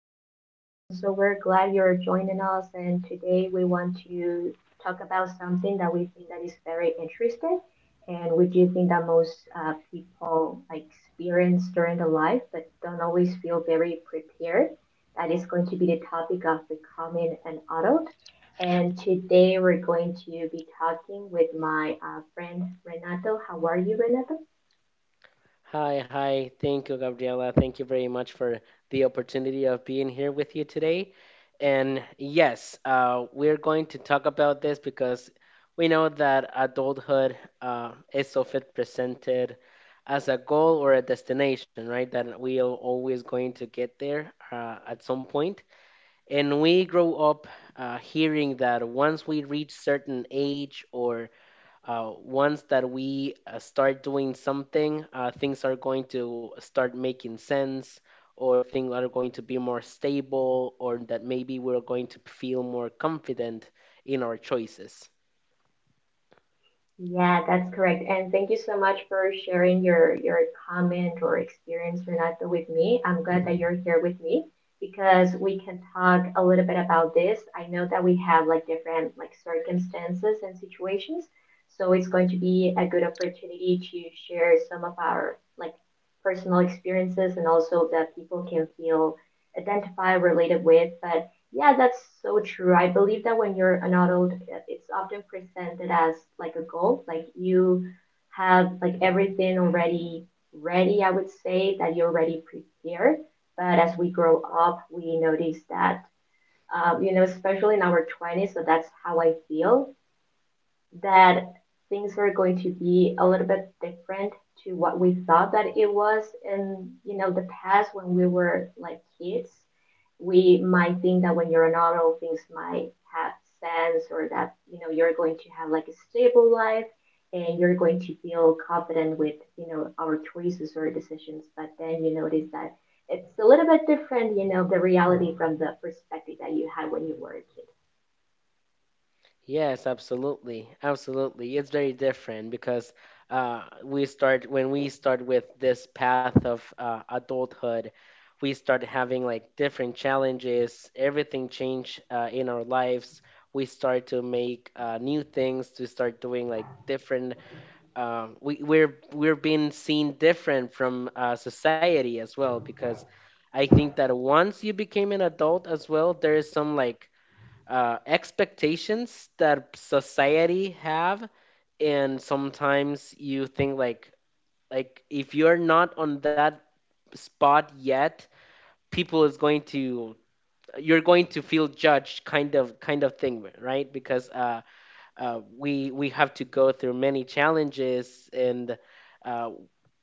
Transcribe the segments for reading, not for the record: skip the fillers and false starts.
episode. So, we're glad you're joining us, and today we want to talk about something that we think that is very interesting, and we do think that most people like experience during the life, but don't always feel very prepared. That is going to be the topic of becoming an adult, and today we're going to be talking with my friend Renato. How are you, Renato? Hi, hi. Thank you, Gabriela. Thank you very much for the opportunity of being here with you today. And yes, we're going to talk about this because we know that adulthood is often presented as a goal or a destination, right? That we are always going to get there at some point. And we grow up hearing that once we reach certain age or once that we start doing something, things are going to start making sense, or things are going to be more stable, or that maybe we're going to feel more confident in our choices. Yeah, that's correct. And thank you so much for sharing your comment or experience, Renato, with me. I'm glad that you're here with me, because we can talk a little bit about this. I know that we have like different like circumstances and situations, so it's going to be a good opportunity to share some of our like personal experiences, and also that people can feel identified, related with. But yeah, that's so true. I believe that when you're an adult, it's often presented as like a goal, like you have like everything already ready, I would say, that you're already prepared. But as we grow up, we notice that, especially in our 20s, so that's how I feel that things were going to be a little bit different to what we thought that it was in the past. When we were like kids, we might think that when you're an adult, things might have sense, or that you're going to have like a stable life, and you're going to feel confident with our choices or decisions. But then you notice that it's a little bit different, the reality from the perspective that you had when you were a kid. Yes, absolutely. Absolutely. It's very different because we start when we start with this path of adulthood, we start having like different challenges, everything change in our lives. We start to make new things, to start doing like different we're being seen different from society as well because I think that once you became an adult as well, there is some like expectations that society have, and sometimes you think like if you're not on that spot yet, people is going to, you're going to feel judged, kind of thing, right? Because we have to go through many challenges, and uh,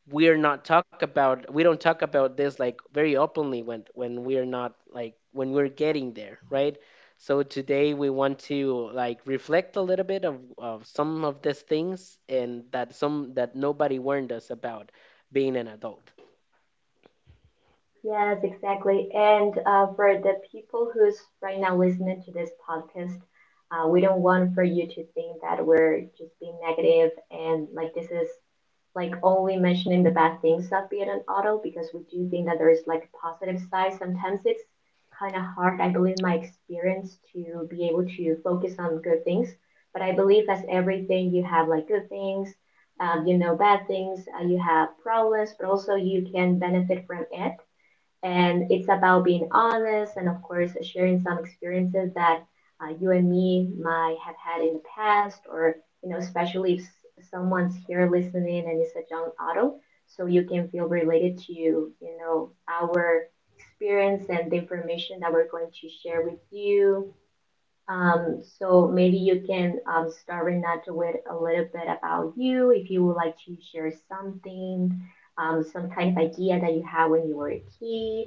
we're not talk about, we don't talk about this like very openly when we're not like when we're getting there, right? So today we want to like reflect a little bit of some of these things, and that some that nobody warned us about being an adult. Yes, exactly. And for the people who's right now listening to this podcast, we don't want for you to think that we're just being negative, and like this is like only mentioning the bad things of being an auto, because we do think that there's like a positive side. Sometimes it's kind of hard, I believe, in my experience, to be able to focus on good things. But I believe, as everything, you have like good things, bad things, you have problems, but also you can benefit from it, and it's about being honest, and of course sharing some experiences that you and me might have had in the past, or especially if someone's here listening and it's a young adult, so you can feel related to our experience and the information that we're going to share with you. So maybe you can start right now with a little bit about you, if you would like to share something, some kind of idea that you had when you were a kid.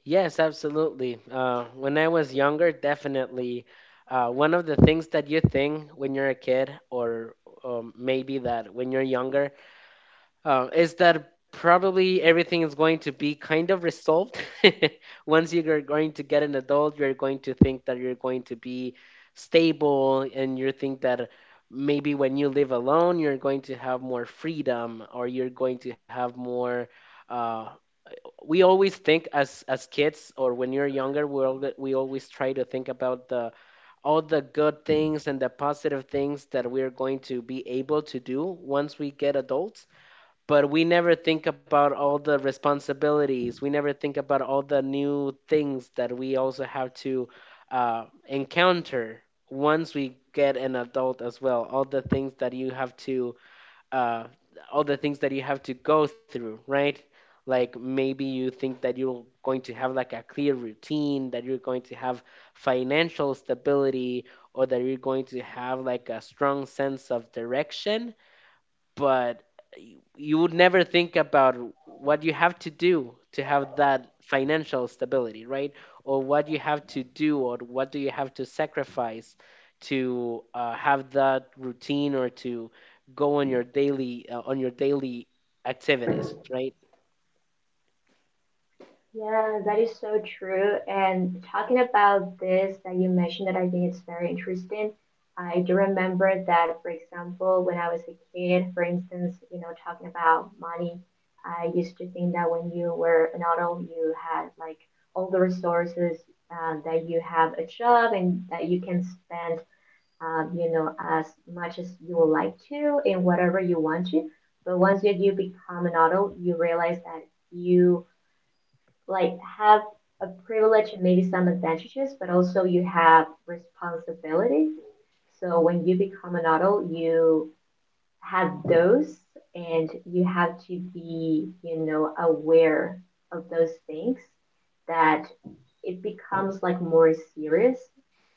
Yes, absolutely. When I was younger, definitely one of the things that you think when you're a kid, or maybe that when you're younger, is that probably everything is going to be kind of resolved. Once you're going to get an adult, you're going to think that you're going to be stable, and you think that maybe when you live alone, you're going to have more freedom, or you're going to have more. Uh, we always think as kids or when you're younger, we always try to think about the all the good things and the positive things that we're going to be able to do once we get adults, but we never think about all the responsibilities. We never think about all the new things that we also have to encounter once we get an adult as well, all the things that you have to uh, all the things that you have to go through, right? Like maybe you think that you're going to have like a clear routine, that you're going to have financial stability, or that you're going to have like a strong sense of direction, but you would never think about what you have to do to have that financial stability, right? Or what you have to do, or what do you have to sacrifice to have that routine, or to go on your daily on your daily activities, right? Yeah, that is so true. And talking about this that you mentioned, that I think it's very interesting. I do remember that, for example, when I was a kid, for instance, you know, talking about money, I used to think that when you were an adult, you had like all the resources, that you have a job and that you can spend, um, you know, as much as you would like to and whatever you want to. But once that you become an adult, you realize that you like have a privilege and maybe some advantages, but also you have responsibilities. So when you become an adult, you have those, and you have to be aware of those things, that it becomes like more serious.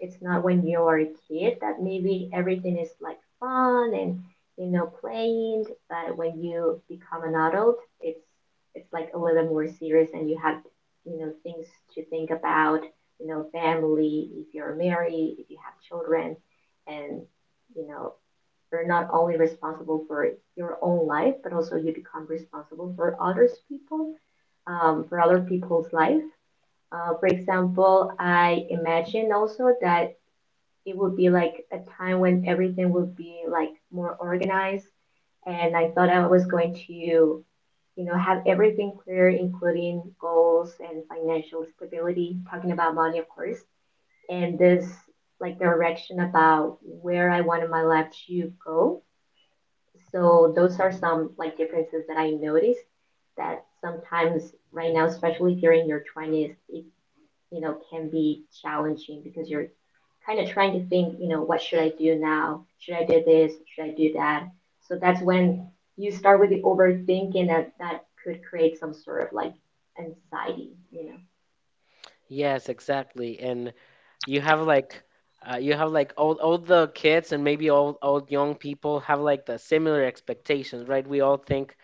It's not when you are a kid that maybe everything is like fun and playing, but when you become an adult, it's it's like a little more serious, and you have things to think about, family, if you're married, if you have children, and you know you're not only responsible for your own life, but also you become responsible for others people, for other people's life. For example, I imagine also that it would be like a time when everything would be like more organized, and I thought I was going to have everything clear, including goals and financial stability. Talking about money, of course, and this like direction about where I wanted my life to go. So those are some like differences that I noticed, that sometimes right now, especially if you're in your 20s, it can be challenging, because you're kind of trying to think, what should I do now? Should I do this? Should I do that? So that's when you start with the overthinking, that could create some sort of like anxiety. Yes, exactly. And you have like you have like all the kids and maybe all young people have like the similar expectations, right? We all think,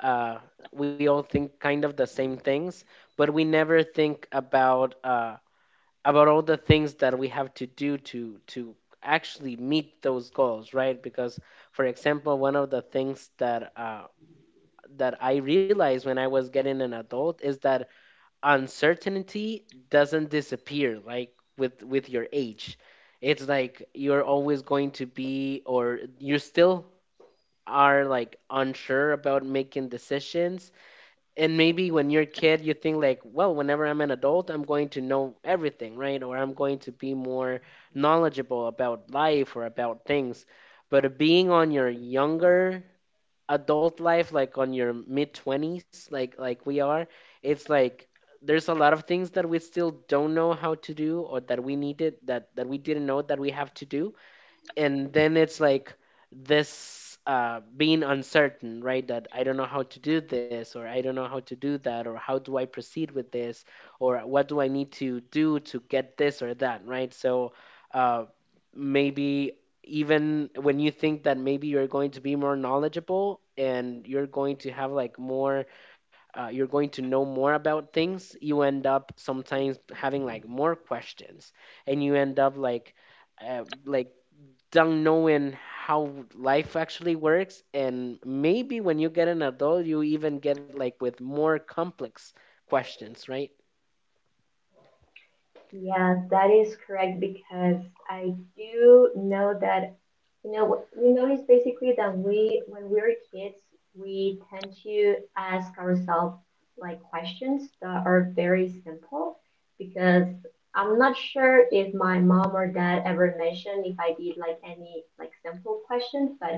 uh, we all think kind of the same things, but we never think about all the things that we have to do to actually meet those goals, right? Because, for example, one of the things that I realized when I was getting an adult is that uncertainty doesn't disappear like with your age. It's like you're always going to be, or you're still are like unsure about making decisions. And maybe when you're a kid, you think like, well, whenever I'm an adult, I'm going to know everything, right? Or I'm going to be more knowledgeable about life or about things. But being on your younger adult life, like on your mid 20s, like we are, it's like there's a lot of things that we still don't know how to do, or that we needed, that we didn't know that we have to do, and then it's like this being uncertain, right? That I don't know how to do this, or I don't know how to do that, or how do I proceed with this, or what do I need to do to get this or that, right? So uh, maybe even when you think that maybe you're going to be more knowledgeable, and you're going to have like more you're going to know more about things, you end up sometimes having like more questions, and you end up like don't knowing how life actually works, and maybe when you get an adult, you even get like with more complex questions, right? Yeah, that is correct, because I do know that. What we notice basically, that we, when we were kids, we tend to ask ourselves like questions that are very simple. Because I'm not sure if my mom or dad ever mentioned if I did like any like simple questions, but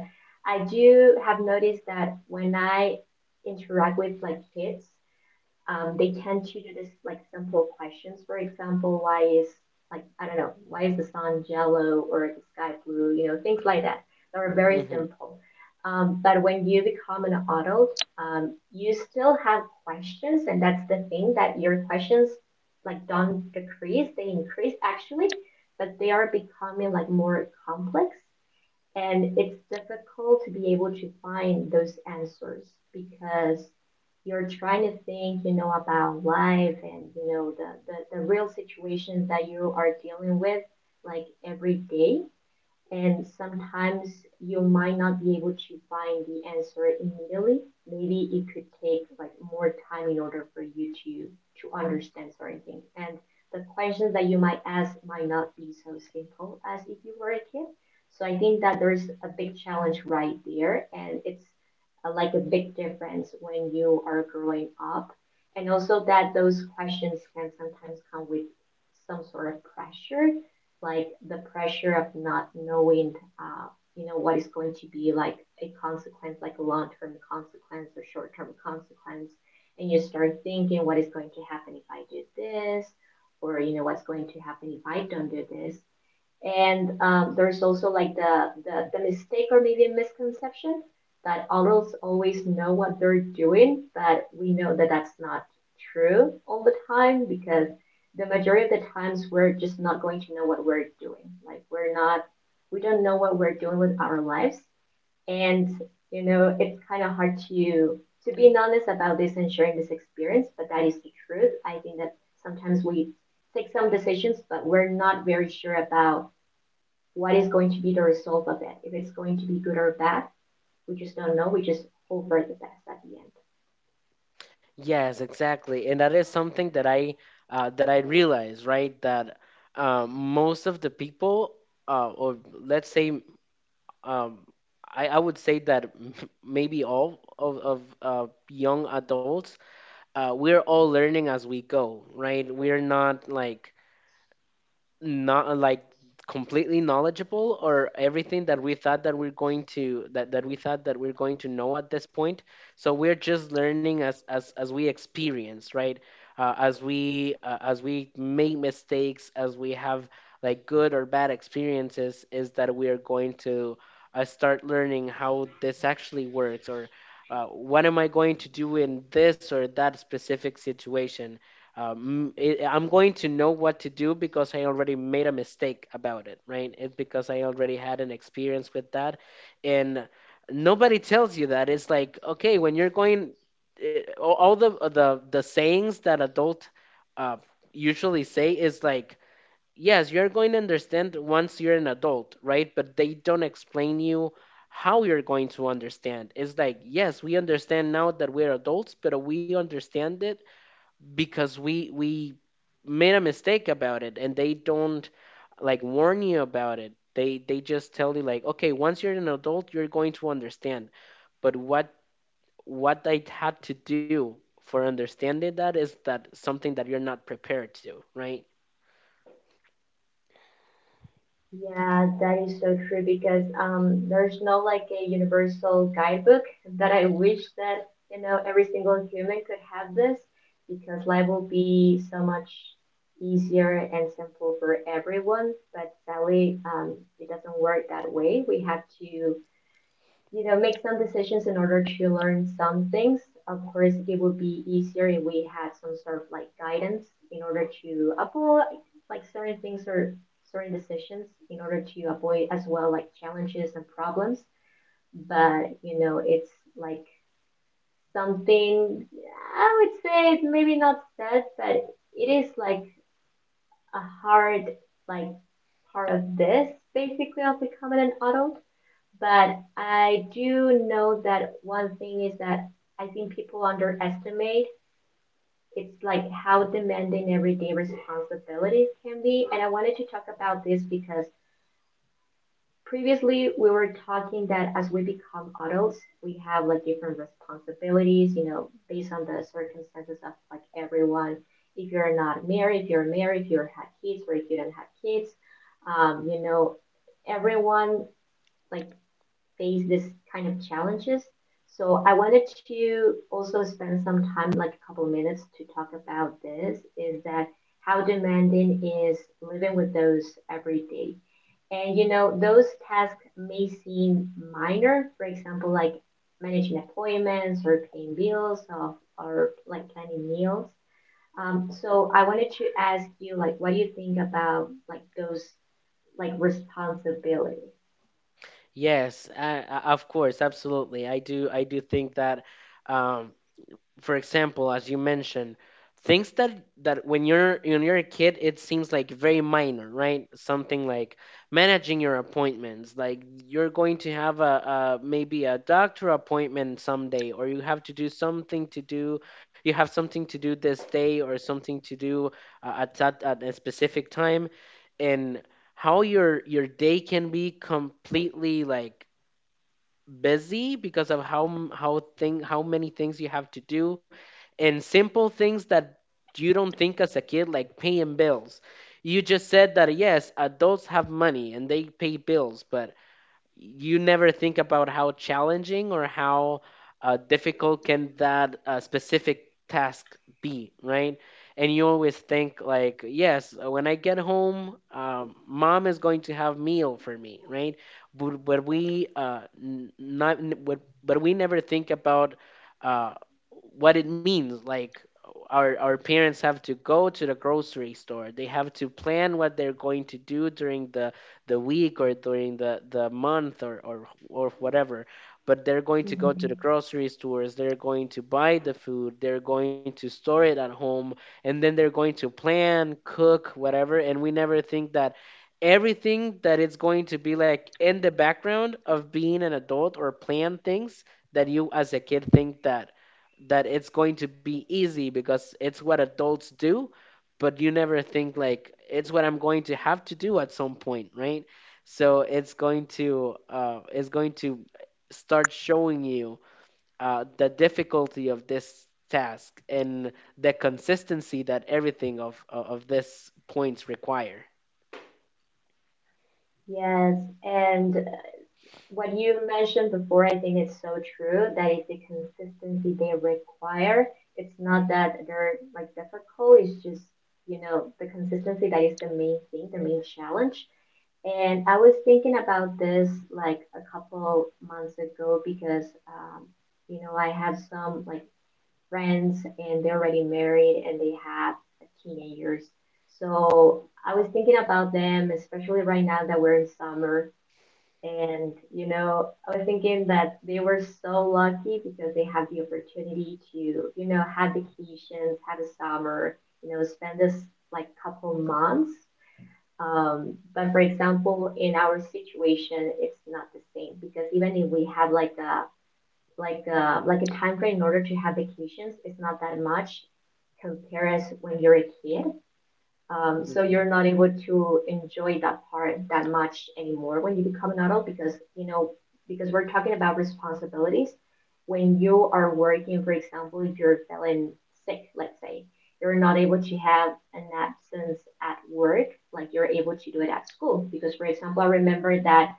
I do have noticed that when I interact with like kids, they tend to do this like simple questions. For example, why is, like I don't know, why is the sun yellow or the sky blue? You know, things like that. They are very Hmm. simple. But when you become an adult, you still have questions, and that's the thing, that your questions like don't decrease; they increase actually, but they are becoming like more complex. And it's difficult to be able to find those answers, because you're trying to think about life, and, the real situations that you are dealing with like every day, and sometimes you might not be able to find the answer immediately. Maybe it could take like more time in order for you to understand certain things. And the questions that you might ask might not be so simple as if you were a kid. So I think that there's a big challenge right there, and it's like a big difference when you are growing up, and also that those questions can sometimes come with some sort of pressure, like the pressure of not knowing, uh, what is going to be like a consequence, like a long term consequence or short term consequence. And you start thinking, what is going to happen if I do this? Or, what's going to happen if I don't do this? And there's also like the mistake, or maybe a misconception, that adults always know what they're doing, but we know that that's not true all the time, because the majority of the times we're just not going to know what we're doing. Like we don't know what we're doing with our lives. And it's kind of hard to be honest about this and sharing this experience, but that is the truth. I think that sometimes we take some decisions, but we're not very sure about what is going to be the result of it. If it's going to be good or bad, we just don't know. We just hope for the best at the end. Yes, exactly. And that is something that I realize, right? That most of the people, or let's say, um, I would say that maybe all of young adults, we're all learning as we go, right? We're not like not like completely knowledgeable or everything that we thought that we're going to, that, that we thought that we're going to know at this point, so we're just learning as we experience, right? As we make mistakes, as we have like good or bad experiences, is that we are going to start learning how this actually works, or what am I going to do in this or that specific situation. I'm going to know what to do because I already made a mistake about it, right? It's because I already had an experience with that, and nobody tells you that. It's like okay, when you're going, all the sayings that adult uh, usually say is like, yes, you're going to understand once you're an adult, right? But they don't explain you how you're going to understand. It's like yes, we understand now that we're adults, but we understand it because we made a mistake about it, and they don't like warn you about it. They just tell you like, okay, once you're an adult, you're going to understand, but what I had to do for understanding that is that something that you're not prepared to, right? Yeah, that is so true, because there's no like a universal guidebook. That I wish that every single human could have this, because life will be so much easier and simple for everyone. But sadly, it doesn't work that way. We have to make some decisions in order to learn some things. Of course, it would be easier if we had some sort of like guidance in order to avoid like certain things or certain decisions, in order to avoid as well like challenges and problems. But it's like something, I would say it's maybe not sad, but it is like a hard like part of this, basically of becoming an adult. But I do know that one thing is that I think people underestimate, it's like how demanding everyday responsibilities can be. And I wanted to talk about this, because previously we were talking that as we become adults, we have like different responsibilities, based on the circumstances of like everyone. If you're not married, if you're married, if you have kids or if you don't have kids, um, you know, everyone like face this kind of challenges. So I wanted to also spend some time, like a couple of minutes, to talk about this. Is that how demanding is living with those every day. And those tasks may seem minor, for example, like managing appointments or paying bills, or like planning meals. So I wanted to ask you, like, what do you think about like those like responsibilities? Yes, of course, absolutely. I do think that, um for example, as you mentioned, things that when you're a kid it seems like very minor, right? Something like managing your appointments, like you're going to have a maybe a doctor appointment someday, or you have to do something to do, you have something to do this day, or something to do at that at a specific time. And how your day can be completely like busy because of how m- how thing how many things you have to do, and simple things that you don't think as a kid, like paying bills. You just said that yes, adults have money and they pay bills, but you never think about how challenging or how difficult can that specific task be, right? And you always think like, yes, when I get home, mom is going to have meal for me, right? But we n- not n- but we never think about uh, what it means. Like our parents have to go to the grocery store. They have to plan what they're going to do during the week, or during the month, or, or whatever, but they're going to go to Mhm. the grocery stores, they're going to buy the food, they're going to store it at home, and then they're going to plan, cook, whatever. And we never think that everything that it's going to be like in the background of being an adult, or plan things that you as a kid think that it's going to be easy because it's what adults do, but you never think like it's what I'm going to have to do at some point, right? So it's going to start showing you the difficulty of this task and the consistency that everything of this points require. Yes, and what you mentioned before, I think it's so true, that it's the consistency they require. It's not that they're like difficult, it's just, you know, the consistency that is the main thing, the main challenge. And I was thinking about this like a couple months ago because, you know, I have some like friends and they're already married and they have teenagers. So I was thinking about them, especially right now that we're in summer and, you know, I was thinking that they were so lucky because they had the opportunity to, you know, had vacations, have a summer, you know, spend this like couple months. But for example, in our situation, it's not the same because even if we have like a time frame in order to have vacations, it's not that much compared as when you're a kid so you're Mhm. not able to enjoy that part that much anymore when you become an adult because you know because we're talking about responsibilities. When you are working, for example, if you're feeling sick, let's say you're not able to have an absence at work like you're able to do it at school. Because for example, I remember that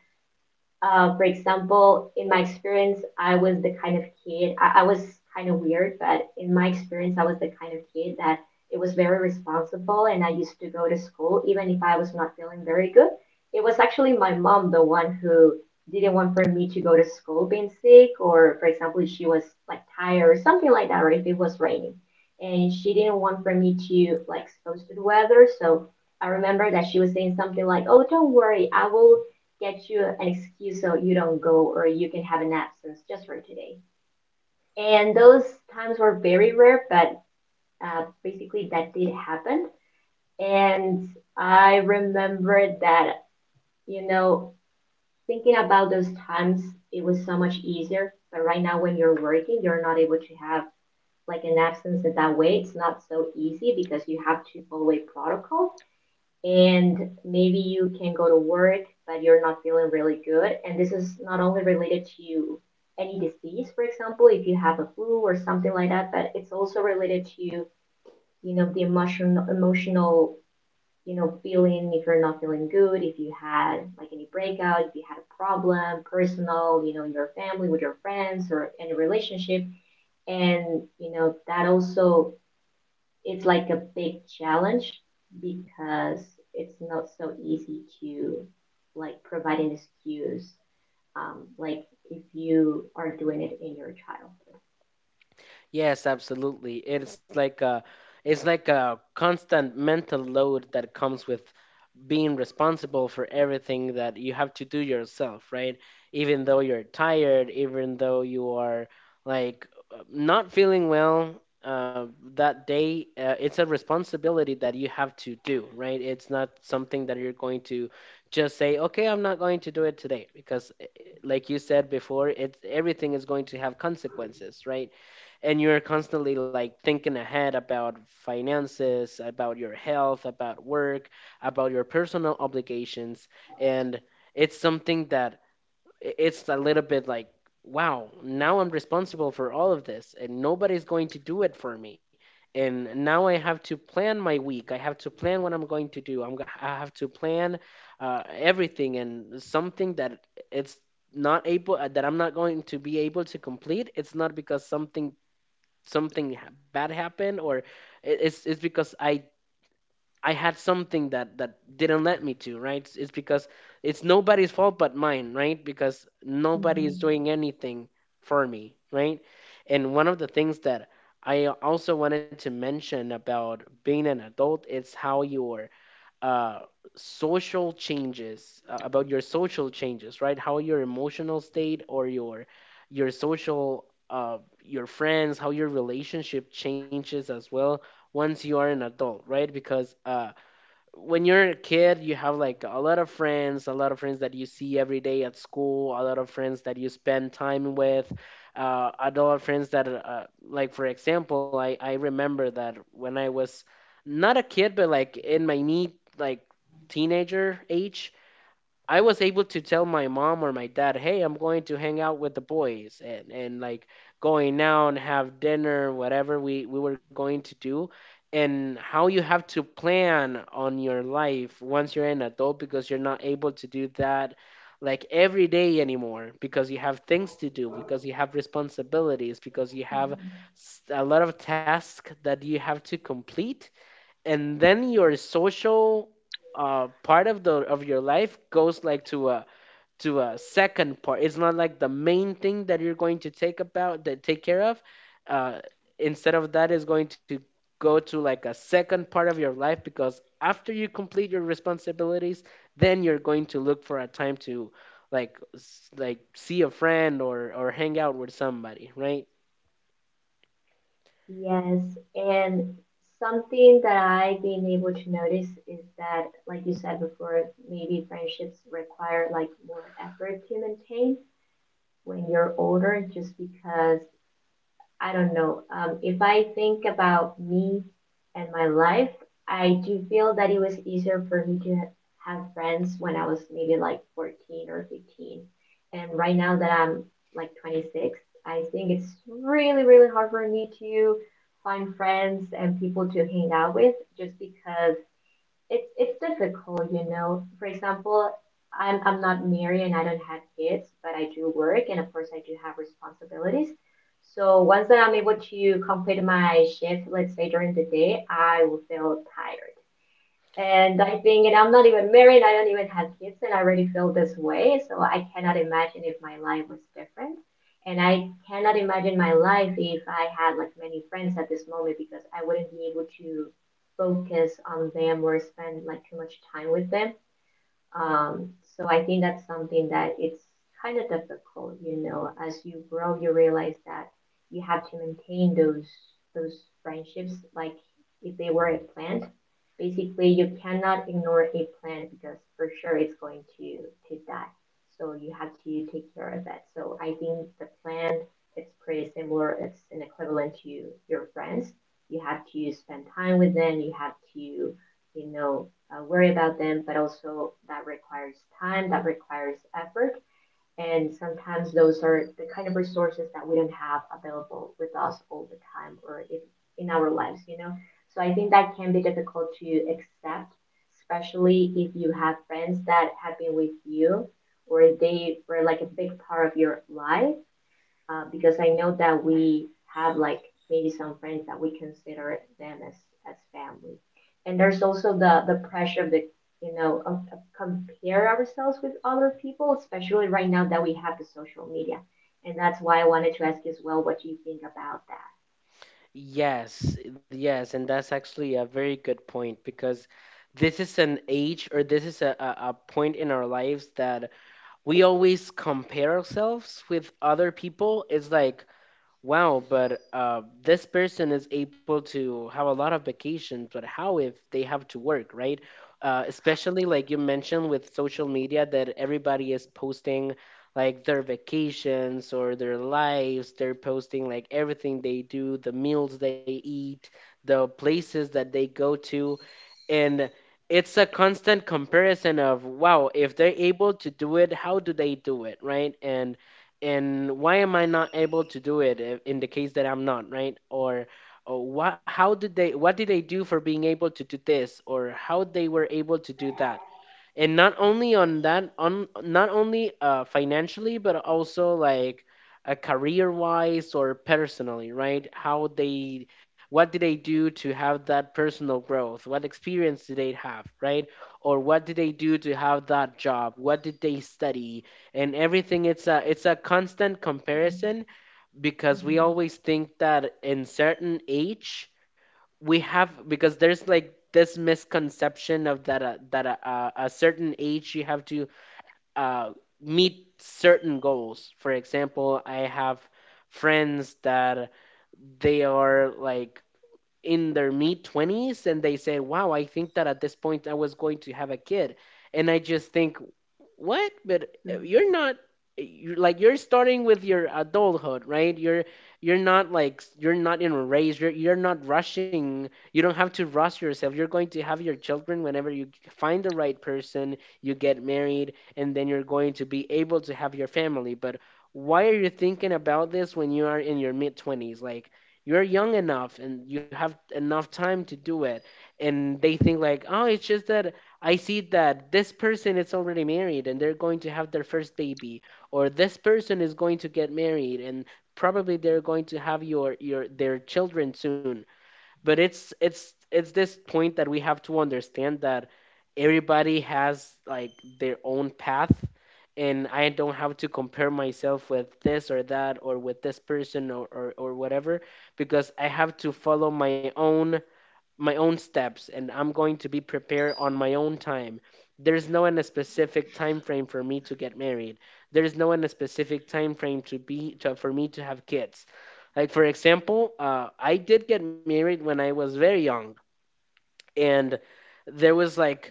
for example, in my experience, I was the kind of kid, I was kind of weird, but in my experience, I was the kind of kid that it was very responsible and I used to go to school even if I was not feeling very good. It was actually my mom, the one who didn't want for me to go to school being sick or for example if she was like tired or something like that or if it was raining and she didn't want for me to like expose to the weather. So I remember that she was saying something like, "Oh, don't worry, I will get you an excuse so you don't go or you can have an absence just for today." And those times were very rare, but basically that did happen. And I remember that, you know, thinking about those times, it was so much easier. But right now, when you're working, you're not able to have like an absence in that way. It's not so easy because you have to follow a protocol. And maybe you can go to work but you're not feeling really good, and this is not only related to any disease, for example if you have a flu or something like that, but it's also related to, you know, the emotional, you know, feeling. If you're not feeling good, if you had like any breakout, if you had a problem personal, you know, in your family, with your friends or in a relationship, and you know that also it's like a big challenge because it's not so easy to like provide an excuse like if you are doing it in your childhood. Yes, absolutely. It's like a, it's like a constant mental load that comes with being responsible for everything that you have to do yourself, right? Even though you're tired, even though you are like not feeling well uh, that day, it's a responsibility that you have to do, right? It's not something that you're going to just say, okay, I'm not going to do it today, because like you said before, it's everything is going to have consequences, right? And you're constantly like thinking ahead about finances, about your health, about work, about your personal obligations, and it's something that it's a little bit like, wow, now I'm responsible for all of this and nobody's going to do it for me. And now I have to plan my week, I have to plan what I'm going to do, I have to plan everything. And something that it's not able that I'm not going to be able to complete, it's not because bad happened or it's because I had something that didn't let me to, right? It's because it's nobody's fault but mine, right? Because nobody is Mm-hmm. doing anything for me, right? And one of the things that I also wanted to mention about being an adult is how your uh, about your social changes, right? How your emotional state or your social your friends, how your relationship changes as well once you are an adult, right? Because when you're a kid, you have like a lot of friends, a lot of friends that you see every day at school, a lot of friends that you spend time with, a lot of friends that, like for example, I remember that when I was not a kid, but like in my mid like teenager age, I was able to tell my mom or my dad, "Hey, I'm going to hang out with the boys and like going out and have dinner, whatever we were going to do." And how you have to plan on your life once you're an adult, because you're not able to do that like every day anymore, because you have things to do, because you have responsibilities, because you have Mm-hmm. A lot of tasks that you have to complete, and then your social part of the of your life goes like to a second part. It's not like the main thing that you're going to take about that take care of. Uh, Instead of that, is going to go to like a second part of your life, because after you complete your responsibilities, then you're going to look for a time to like like see a friend or hang out with somebody, right? Yes, and something that I've been able to notice is that, like you said before, maybe friendships require like more effort to maintain when you're older, just because I don't know. If I think about me and my life, I do feel that it was easier for me to have friends when I was maybe like 14 or 15. And right now that I'm like 26, I think it's really, really hard for me to find friends and people to hang out with just because it's difficult, you know. For example, I'm not married and I don't have kids, but I do work and of course I do have responsibilities. So once that I'm able to complete my shift, let's say during the day, I will feel tired. And I think, and I'm not even married, I don't even have kids, and I already feel this way. So I cannot imagine if my life was different. And I cannot imagine my life if I had like many friends at this moment because I wouldn't be able to focus on them or spend like too much time with them. Um, so I think that's something that it's kind of difficult, you know. As you grow, you realize that you have to maintain those friendships like if they were a plant. Basically, you cannot ignore a plant because for sure it's going to die. So you have to take care of that. So I think the plant it's pretty similar. It's an equivalent to your friends. You have to spend time with them. You have to you know worry about them, but also that requires time, that requires effort. And sometimes those are the kind of resources that we don't have available with us all the time or if, in our lives, you know? So I think that can be difficult to accept, especially if you have friends that have been with you or they were like a big part of your life because I know that we have like maybe some friends that we consider them as family. And there's also the pressure of the you know of compare ourselves with other people, especially right now that we have the social media. And that's why I wanted to ask you as well what you think about that. Yes, yes, and that's actually a very good point, because this is an age or this is a point in our lives that we always compare ourselves with other people. It's like, wow, but this person is able to have a lot of vacations, but how if they have to work, right? Especially like you mentioned, with social media that everybody is posting like their vacations or their lives. They're posting like everything they do, the meals they eat, the places that they go to. And it's a constant comparison of, wow, if they're able to do it, how do they do it, right? And why am I not able to do it, in the case that I'm not, right? Or, what, how did they, what did they do for being able to do this, or how they were able to do that? And not only on that, on not only financially, but also like career wise or personally, right? How they, what did they do to have that personal growth, what experience did they have, right? Or what did they do to have that job, what did they study? And everything, it's a constant comparison, because we always think that in certain age we have, because there's like this misconception of that that a certain age you have to uh, meet certain goals. For example, I have friends that they are like in their mid 20s and they said, wow, I think that at this point I was going to have a kid. And I just think, what? But Mhm. you're not. You're starting with your adulthood, right? You're not like you're not in a race. You're not rushing. You don't have to rush yourself. You're going to have your children whenever you find the right person. You get married and then you're going to be able to have your family. But why are you thinking about this when you are in your mid 20s? Like, you're young enough and you have enough time to do it. And they think, like, oh, it's just that I see that this person is already married and they're going to have their first baby, or this person is going to get married and probably they're going to have your their children soon. But it's it's this point that we have to understand that everybody has like their own path, and I don't have to compare myself with this or that or with this person, or, whatever, because I have to follow my own steps, and I'm going to be prepared on my own time. There's no in a specific time frame for me to get married. There's no in a specific time frame to be to, for me to have kids. Like for example, I did get married when I was very young, and there was like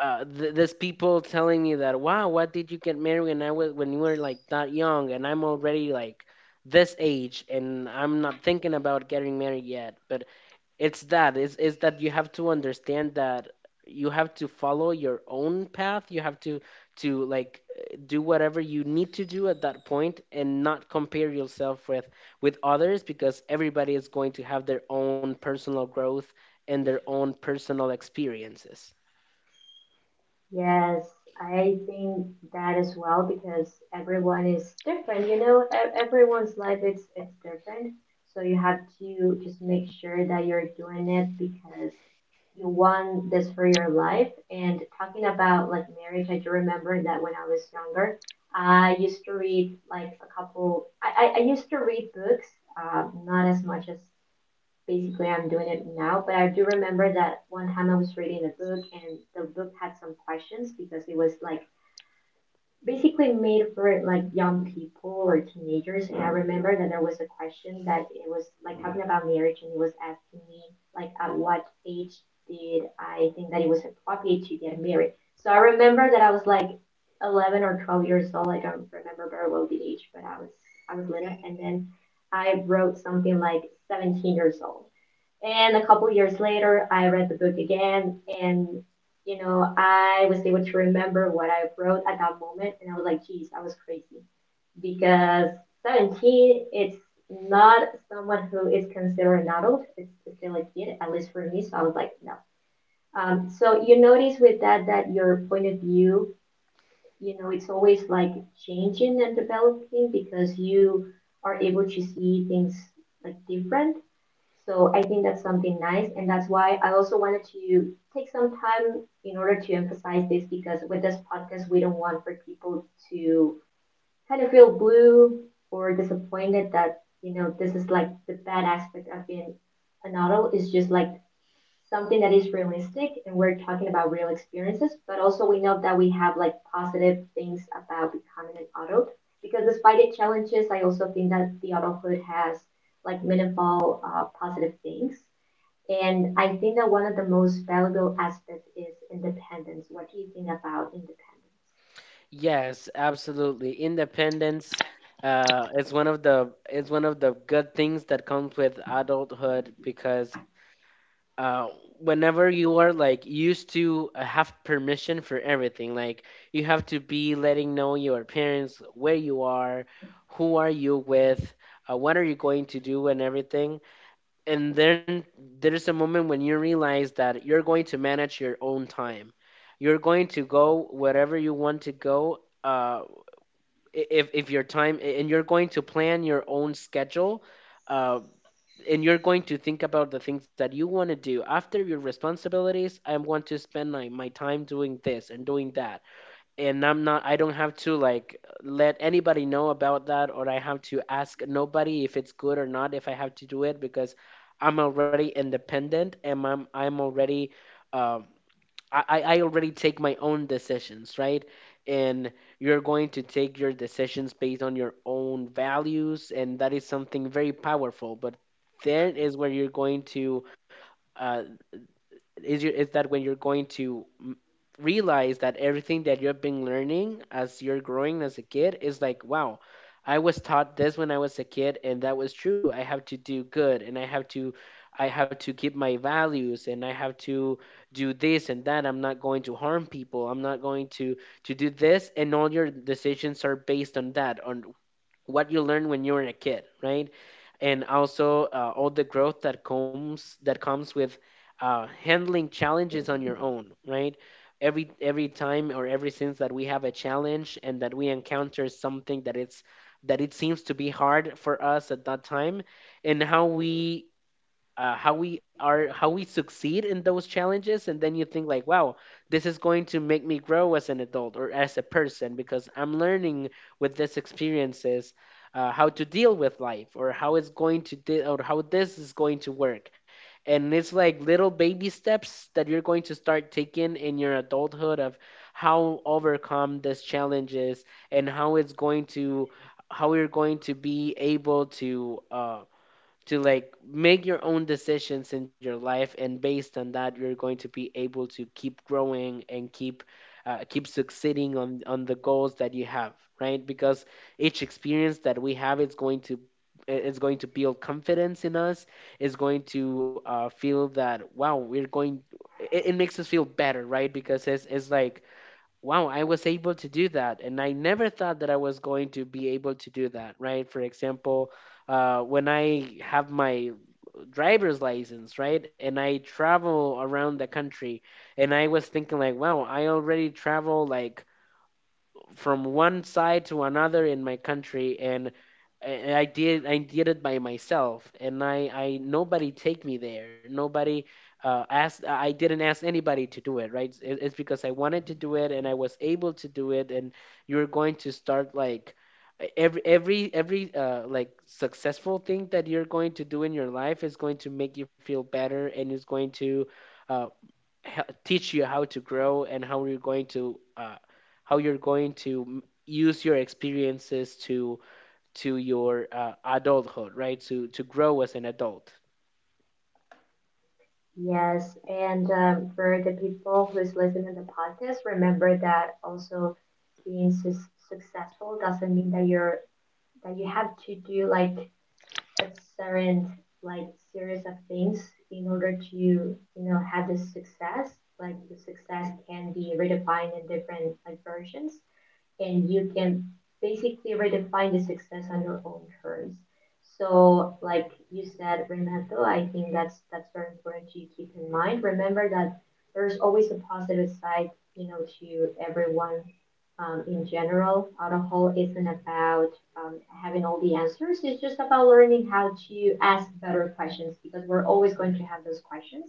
there's people telling me that, wow, what did you get married when I was when you were like that young, and I'm already like this age and I'm not thinking about getting married yet. But it's that, it's that you have to understand that you have to follow your own path, you have to like do whatever you need to do at that point and not compare yourself with others, because everybody is going to have their own personal growth and their own personal experiences. Yes, I think that as well because everyone is different, you know, everyone's life it's different. So you have to just make sure that you're doing it because you want this for your life. And talking about like marriage, I do remember that when I was younger, I used to read like a couple, I used to read books, not as much as basically I'm doing it now. But I do remember that one time I was reading a book and the book had some questions because it was like basically made for like young people or teenagers. And I remember that there was a question that it was like talking about marriage and it was asking me like at what age did I think that it was appropriate to get married. So I remember that I was like 11 or 12 years old. I don't remember very well the age, but I was little, and then I wrote something like 17 years old, and a couple years later, I read the book again, and you know, I was able to remember what I wrote at that moment, and I was like, "Geez, I was crazy," because 17, it's not someone who is considered an adult; it's still a kid, at least for me. So I was like, "No." So you notice with that that your point of view, you know, it's always like changing and developing because you are able to see things like different. So I think that's something nice, and that's why I also wanted to take some time in order to emphasize this because with this podcast, we don't want for people to kind of feel blue or disappointed that you know this is like the bad aspect of being an adult. Is just like something that is realistic and we're talking about real experiences, but also we know that we have like positive things about becoming an adult because despite the challenges, I also think that the adulthood has like meaningful positive things. And I think that one of the most valuable aspects is independence. What do you think about independence? Yes, absolutely. Independence is one of the is one of the good things that comes with adulthood, because uh, whenever you are like used to have permission for everything, like you have to be letting know your parents where you are, who are you with, what are you going to do, and everything. And then there's a moment when you realize that you're going to manage your own time. You're going to go wherever you want to go. If your time, and you're going to plan your own schedule, uh, and you're going to think about the things that you want to do after your responsibilities. I'm going to spend my, my time doing this and doing that, and I don't have to like let anybody know about that, or I have to ask nobody if it's good or not, if I have to do it, because I'm already independent, and I'm already um I already take my own decisions, right? And you're going to take your decisions based on your own values, and that is something very powerful. But there is where you're going to uh, is your is that when you're going to realize that everything that you've been learning as you're growing as a kid is like, wow, I was taught this when I was a kid, and that was true. I have to do good, and I have to, keep my values, and I have to do this and that, I'm not going to harm people, I'm not going to do this, and all your decisions are based on that, on what you learn when you were a kid, right? And also all the growth that comes with handling challenges on your own, right? Every time or ever since that we have a challenge and that we encounter something that it seems to be hard for us at that time, and how we are how we succeed in those challenges. And then you think, like, wow, this is going to make me grow as an adult or as a person, because I'm learning with these experiences how to deal with life or how it's going to or how this is going to work. And it's like little baby steps that you're going to start taking in your adulthood of how overcome these challenges and how it's going to, how you're going to be able to like make your own decisions in your life. And based on that, you're going to be able to keep growing and keep succeeding on the goals that you have, right? Because each experience that we have is going to, it's going to build confidence in us, is going to feel that, wow, we're going, it makes us feel better, right? Because it's like, wow, I was able to do that. And I never thought that I was going to be able to do that, right? For example, when I have my driver's license, right? And I travel around the country, and I was thinking, like, wow, I already travel like from one side to another in my country, and I did, it by myself, and I nobody take me there, nobody asked, I didn't ask anybody to do it, right? It's because I wanted to do it, and I was able to do it. And you're going to start like every like successful thing that you're going to do in your life is going to make you feel better, and is going to uh, teach you how to grow and how you're going to how you're going to use your experiences to your adulthood, right? To grow as an adult. Yes, and for the people who is listening to the podcast, remember that also being successful doesn't mean that you're that you have to do like a certain like series of things in order to you know have this success. Like the success can be redefined in different like versions and you can basically redefine the success on your own terms. So, like you said, Renato, I think that's very important to keep in mind. Remember that there's always a positive side, you know, to everyone in general. Alcohol isn't about having all the answers. It's just about learning how to ask better questions because we're always going to have those questions.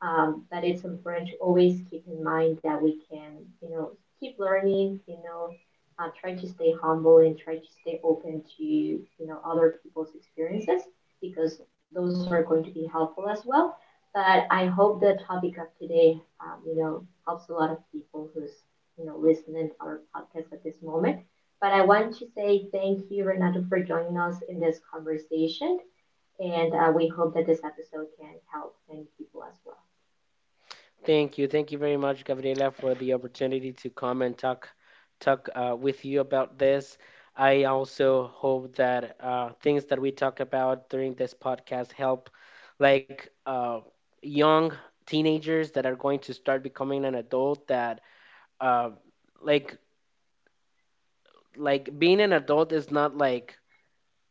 But it's important to always keep in mind that we can, you know, keep learning, you know, try to stay humble and try to stay open to you know other people's experiences because those are going to be helpful as well. But I hope the topic of today, you know, helps a lot of people who's you know listening to our podcast at this moment. But I want to say thank you, Renato, for joining us in this conversation, and we hope that this episode can help many people as well. Thank you, thank you very much, Gabriela, for the opportunity to come and talk with you about this. I also hope that things that we talk about during this podcast help like young teenagers that are going to start becoming an adult, that uh, like being an adult is not like,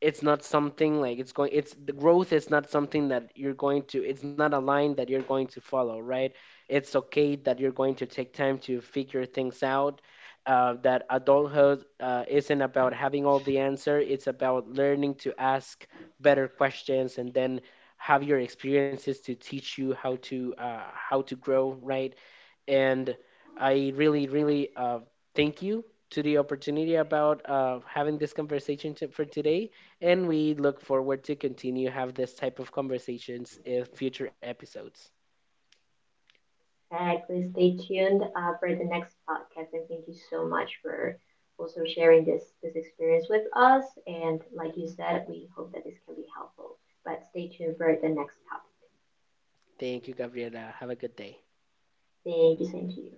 it's not something like, it's, the growth is not something that you're going to it's not a line that you're going to follow, right? It's okay that you're going to take time to figure things out, that adulthood isn't about having all the answer, it's about learning to ask better questions and then have your experiences to teach you how to grow, right? And I really, really thank you to the opportunity about having this conversation to, for today. And we look forward to continue have this type of conversations in future episodes. Exactly. Stay tuned for the next podcast, and thank you so much for also sharing this this experience with us. And like you said, we hope that this can be helpful. But stay tuned for the next topic. Thank you, Gabriela. Have a good day. Thank you. Same to you.